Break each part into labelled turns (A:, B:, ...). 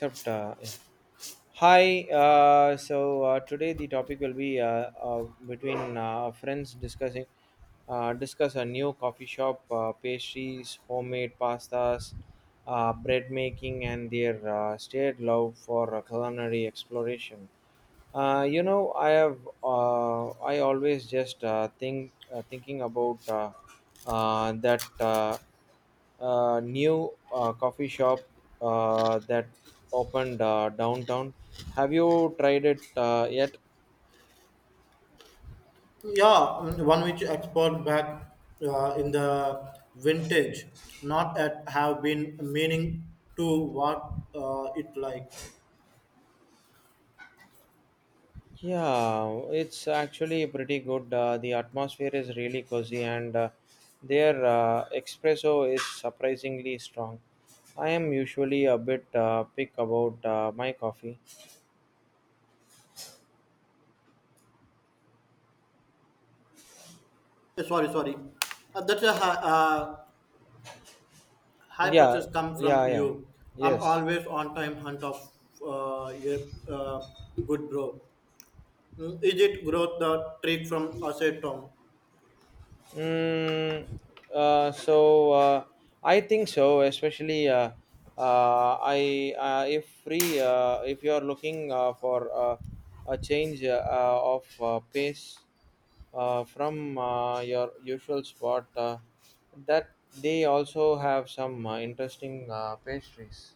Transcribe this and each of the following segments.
A: Yeah. Hi, today the topic will be between friends discussing discuss a new coffee shop, pastries, homemade pastas, bread making, and their shared love for culinary exploration. I have I always just thinking about that. New coffee shop that opened downtown. Have you tried it yet?
B: Yeah, one which export back in the vintage, not at have been meaning to what it like.
A: Yeah, it's actually pretty good. The atmosphere is really cozy, and their espresso is surprisingly strong. I am usually a bit pick about my coffee.
B: Sorry, sorry. That's a high, high
A: Yeah,
B: purchase come
A: yeah,
B: from
A: yeah.
B: you. I'm
A: Yes.
B: always on time hunt of a good bro. Mm, is it growth the trick from outside town?
A: Mm, uh, so uh, I think so, especially I if you are looking for a change of pace from your usual spot, that they also have some interesting pastries.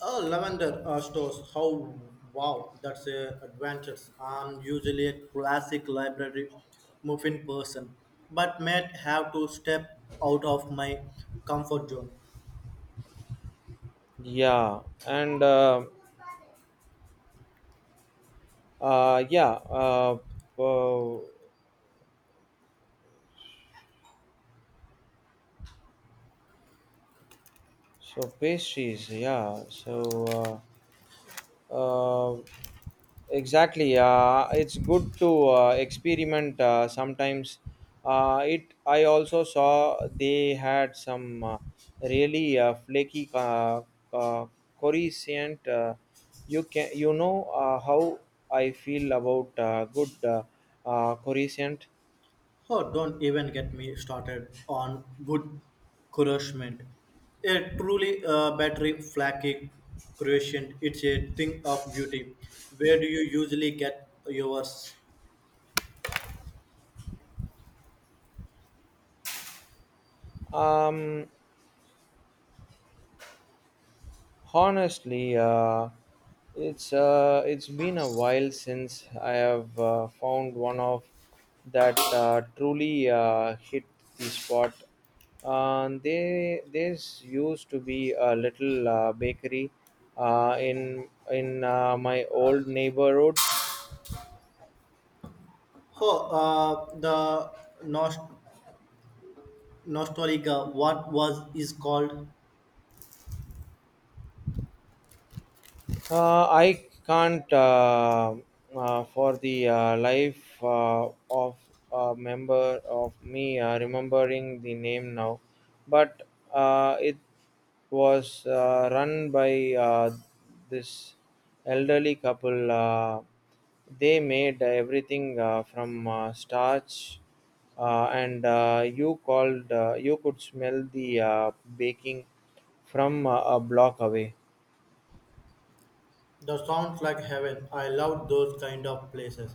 B: Oh, lavender stores. How wow, that's a advantage. I'm usually a classic library muffin person, but might have to step out of my comfort zone.
A: Yeah, and uh, uh, yeah, uh, uh, so pastries, Uh, exactly. It's good to experiment sometimes. It. I also saw they had some really flaky uh, coruscant. You can. You know how I feel about good coruscant.
B: Oh, don't even get me started on good nourishment. A truly battery flaky creation. It's a thing of beauty. Where do you usually get yours?
A: Um, Honestly, it's been a while since I have found one of that truly hit the spot. They this used to be a little bakery in my old neighborhood.
B: Oh, the North Nostalgia, what was is called.
A: I can't for the life of a member of me remembering the name now, but it was run by this elderly couple. They made everything from starch, and you called. You could smell the baking from a block away.
B: The sounds like heaven. I love those kind of places.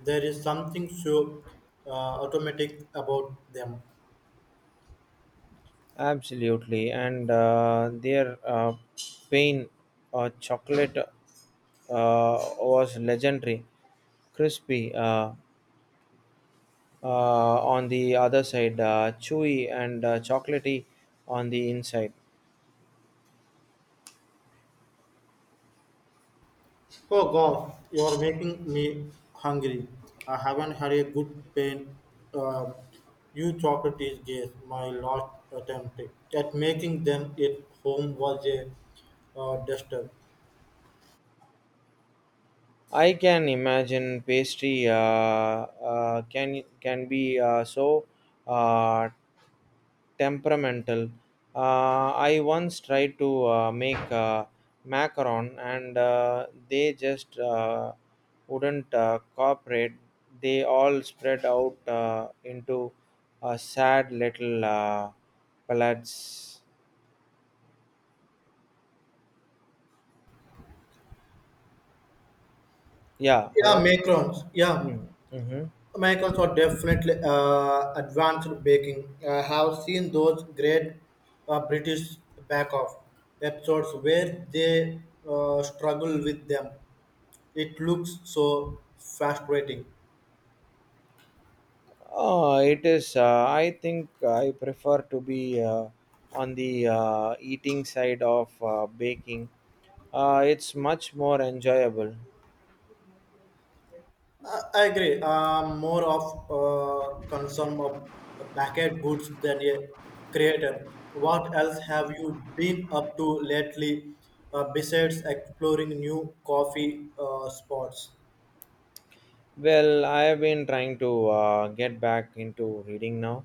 B: There is something so uh, automatic about them.
A: Absolutely, and their pain chocolate was legendary, crispy on the other side, chewy and chocolatey on the inside.
B: Oh God, you are making me hungry. I haven't had a good pain. Um, you chocolate is guess my last attempt at making them at home was a duster.
A: I can imagine pastry can be so uh, temperamental. I once tried to make macaron and they just wouldn't cooperate. They all spread out into a sad little pellets. Yeah,
B: Yeah,
A: hello?
B: macarons. Yeah,
A: Hmm. Mm-hmm.
B: Americans are definitely advanced baking. I have seen those great British back off episodes where they struggle with them. It looks so frustrating.
A: It is, I think I prefer to be on the eating side of baking. It's much more enjoyable.
B: I agree. I'm more of a concern of backend goods than a creator. What else have you been up to lately besides exploring new coffee spots?
A: Well, I have been trying to get back into reading now.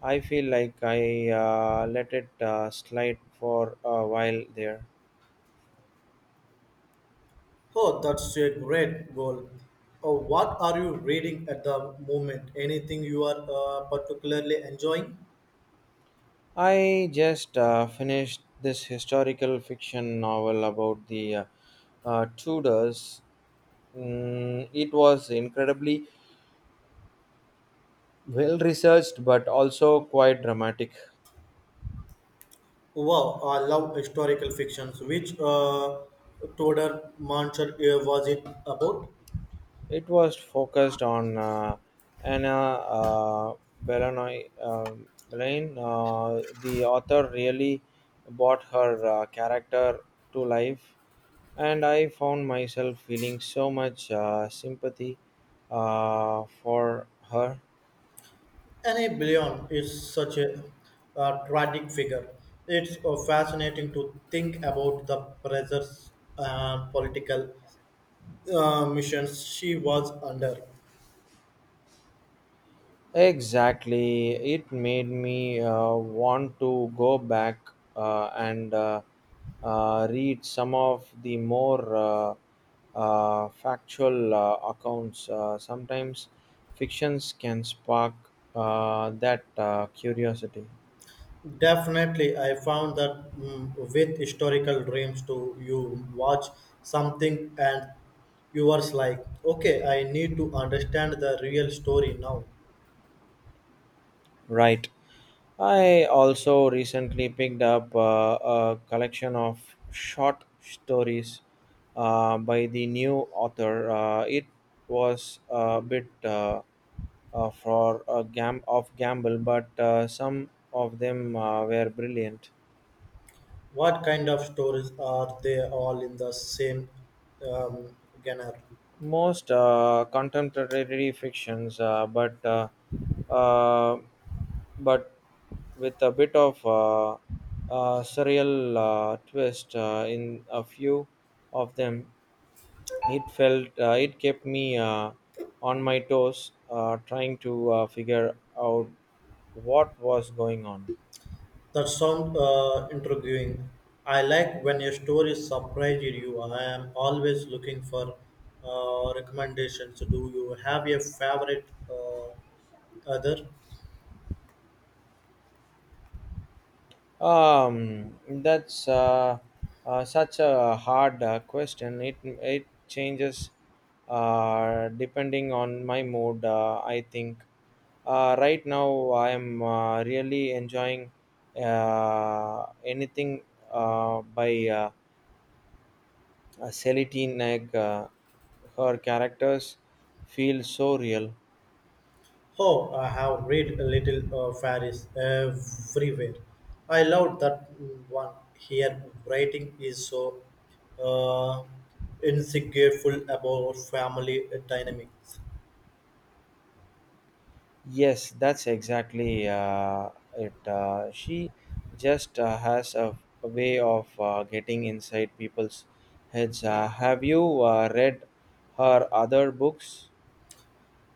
A: I feel like I let it slide for a while there.
B: Oh, that's a great goal. What are you reading at the moment? Anything you are particularly enjoying?
A: I just finished this historical fiction novel about the Tudors. Mm, it was incredibly well researched but also quite dramatic.
B: Wow, I love historical fictions. Which Tudor Manchur was it about?
A: It was focused on Anna Bellamy, Bellamy. The author really brought her character to life, and I found myself feeling so much sympathy for her.
B: Anne Bouillon is such a tragic figure. It's fascinating to think about the pressures and political missions she was under.
A: Exactly. It made me want to go back and read some of the more factual accounts. Sometimes fictions can spark that curiosity.
B: Definitely, I found that with historical dreams too, you watch something and you are like, okay, I need to understand the real story now.
A: Right. I also recently picked up a collection of short stories by the new author. It was a bit. For a gamble, but some of them were brilliant.
B: What kind of stories are they all in the same um, genre?
A: Most contemporary fictions, uh, but with a bit of surreal twist in a few of them, it kept me on my toes, trying to figure out what was going on.
B: That sound intriguing. I like when a story surprises you. I am always looking for recommendations. Do you have a favorite other?
A: That's such a hard question. It changes depending on my mood. I think right now I am really enjoying anything by Celine Nag. Her characters feel so real.
B: Oh, I have read a little fairies everywhere. I love that one. Here, writing is so uh, insecureful about family dynamics.
A: Yes, that's exactly it. She just has a way of getting inside people's heads. Have you read her other books?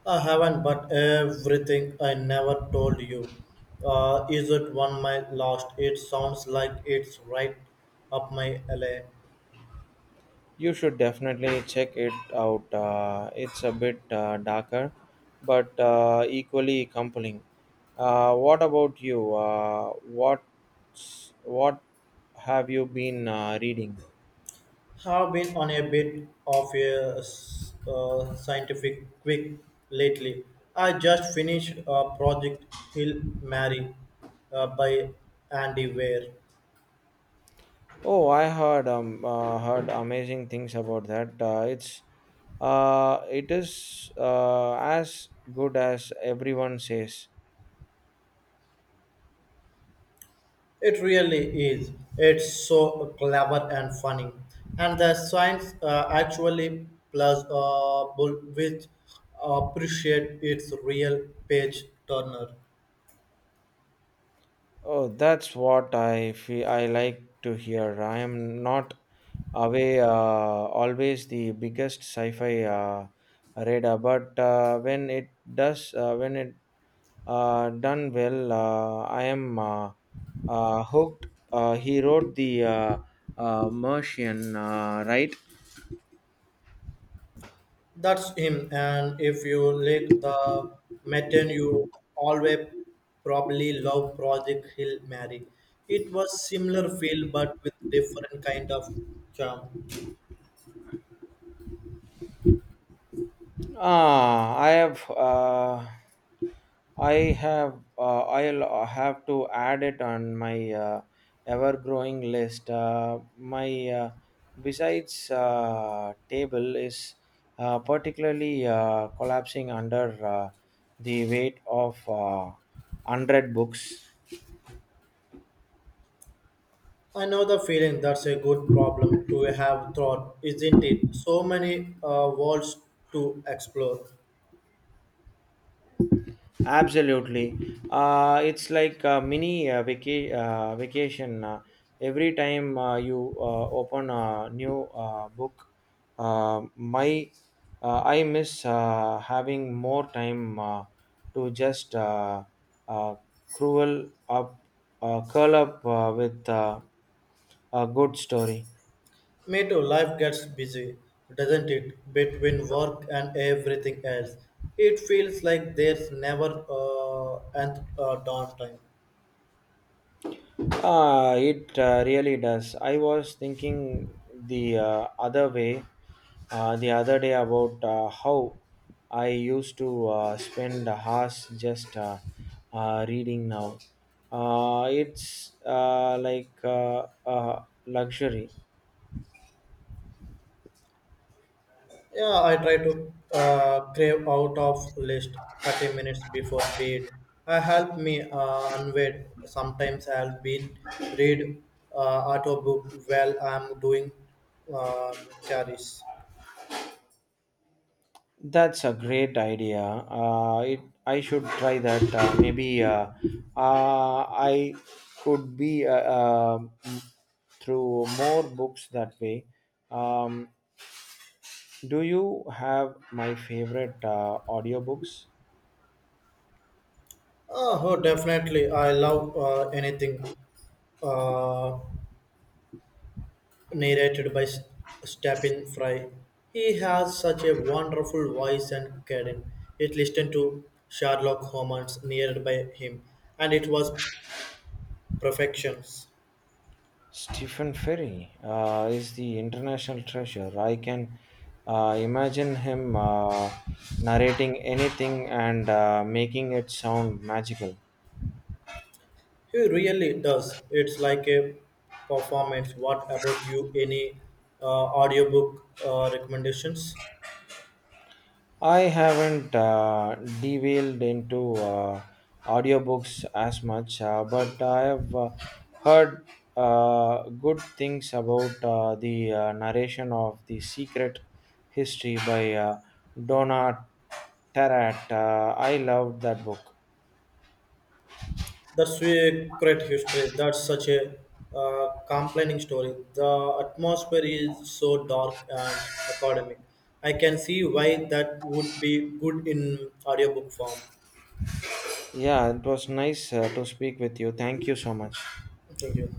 B: I haven't, but everything I never told you. Is it one my last? It sounds like it's right up my alley.
A: You should definitely check it out. It's a bit darker, but equally compelling. What about you? What have you been reading?
B: Have been on a bit of a scientific quick lately. I just finished Project Hill Mary by Andy Weir.
A: Oh, I heard heard amazing things about that. It is as good as everyone says.
B: It really is. It's so clever and funny. And the science actually plus which appreciate its real page turner.
A: Oh, that's what I feel I like to hear. I am not away always the biggest sci-fi radar, but when it does, when it done well, I am hooked. He wrote the Martian, right?
B: That's him. And if you lick the mutton, you always probably love Project Hill Mary. It was similar feel but with different kind of charm.
A: Ah, I have. I have I'll have to add it on my ever growing list. My besides table is particularly collapsing under the weight of 100 books.
B: I know the feeling. That's a good problem to have thought, isn't it? So many worlds to explore.
A: Absolutely. It's like a mini vacation. Every time you open a new book, my I miss having more time to just uh, cruel up, curl up with a good story.
B: Me too. Life gets busy, doesn't it? Between work and everything else, it feels like there's never end downtime.
A: Ah, it really does. I was thinking the the other day about how I used to spend hours just reading now. It's like luxury.
B: Yeah, I try to crave out of list 30 minutes before bed. I help me unwed. Sometimes I'll been read uh, audiobook while I'm doing carries.
A: That's a great idea. It I should try that. Maybe uh, I could be through more books that way. Um, Do you have my favorite audiobooks?
B: Oh, definitely. I love anything uh, narrated by Stephen Fry. He has such a wonderful voice and cadence. It listened to Sherlock Holmes narrated by him, and it was perfections.
A: Stephen Ferry is the international treasure. I can imagine him narrating anything and making it sound magical.
B: He really does. It's like a performance. What about you? Any audiobook recommendations?
A: I haven't delved into audiobooks as much, but I have heard good things about the narration of The Secret History by Donna Tartt. I loved that book.
B: The secret history. That's such a complaining story. The atmosphere is so dark and academic. I can see why that would be good in audiobook form.
A: Yeah, it was nice to speak with you. Thank you so much.
B: Thank you.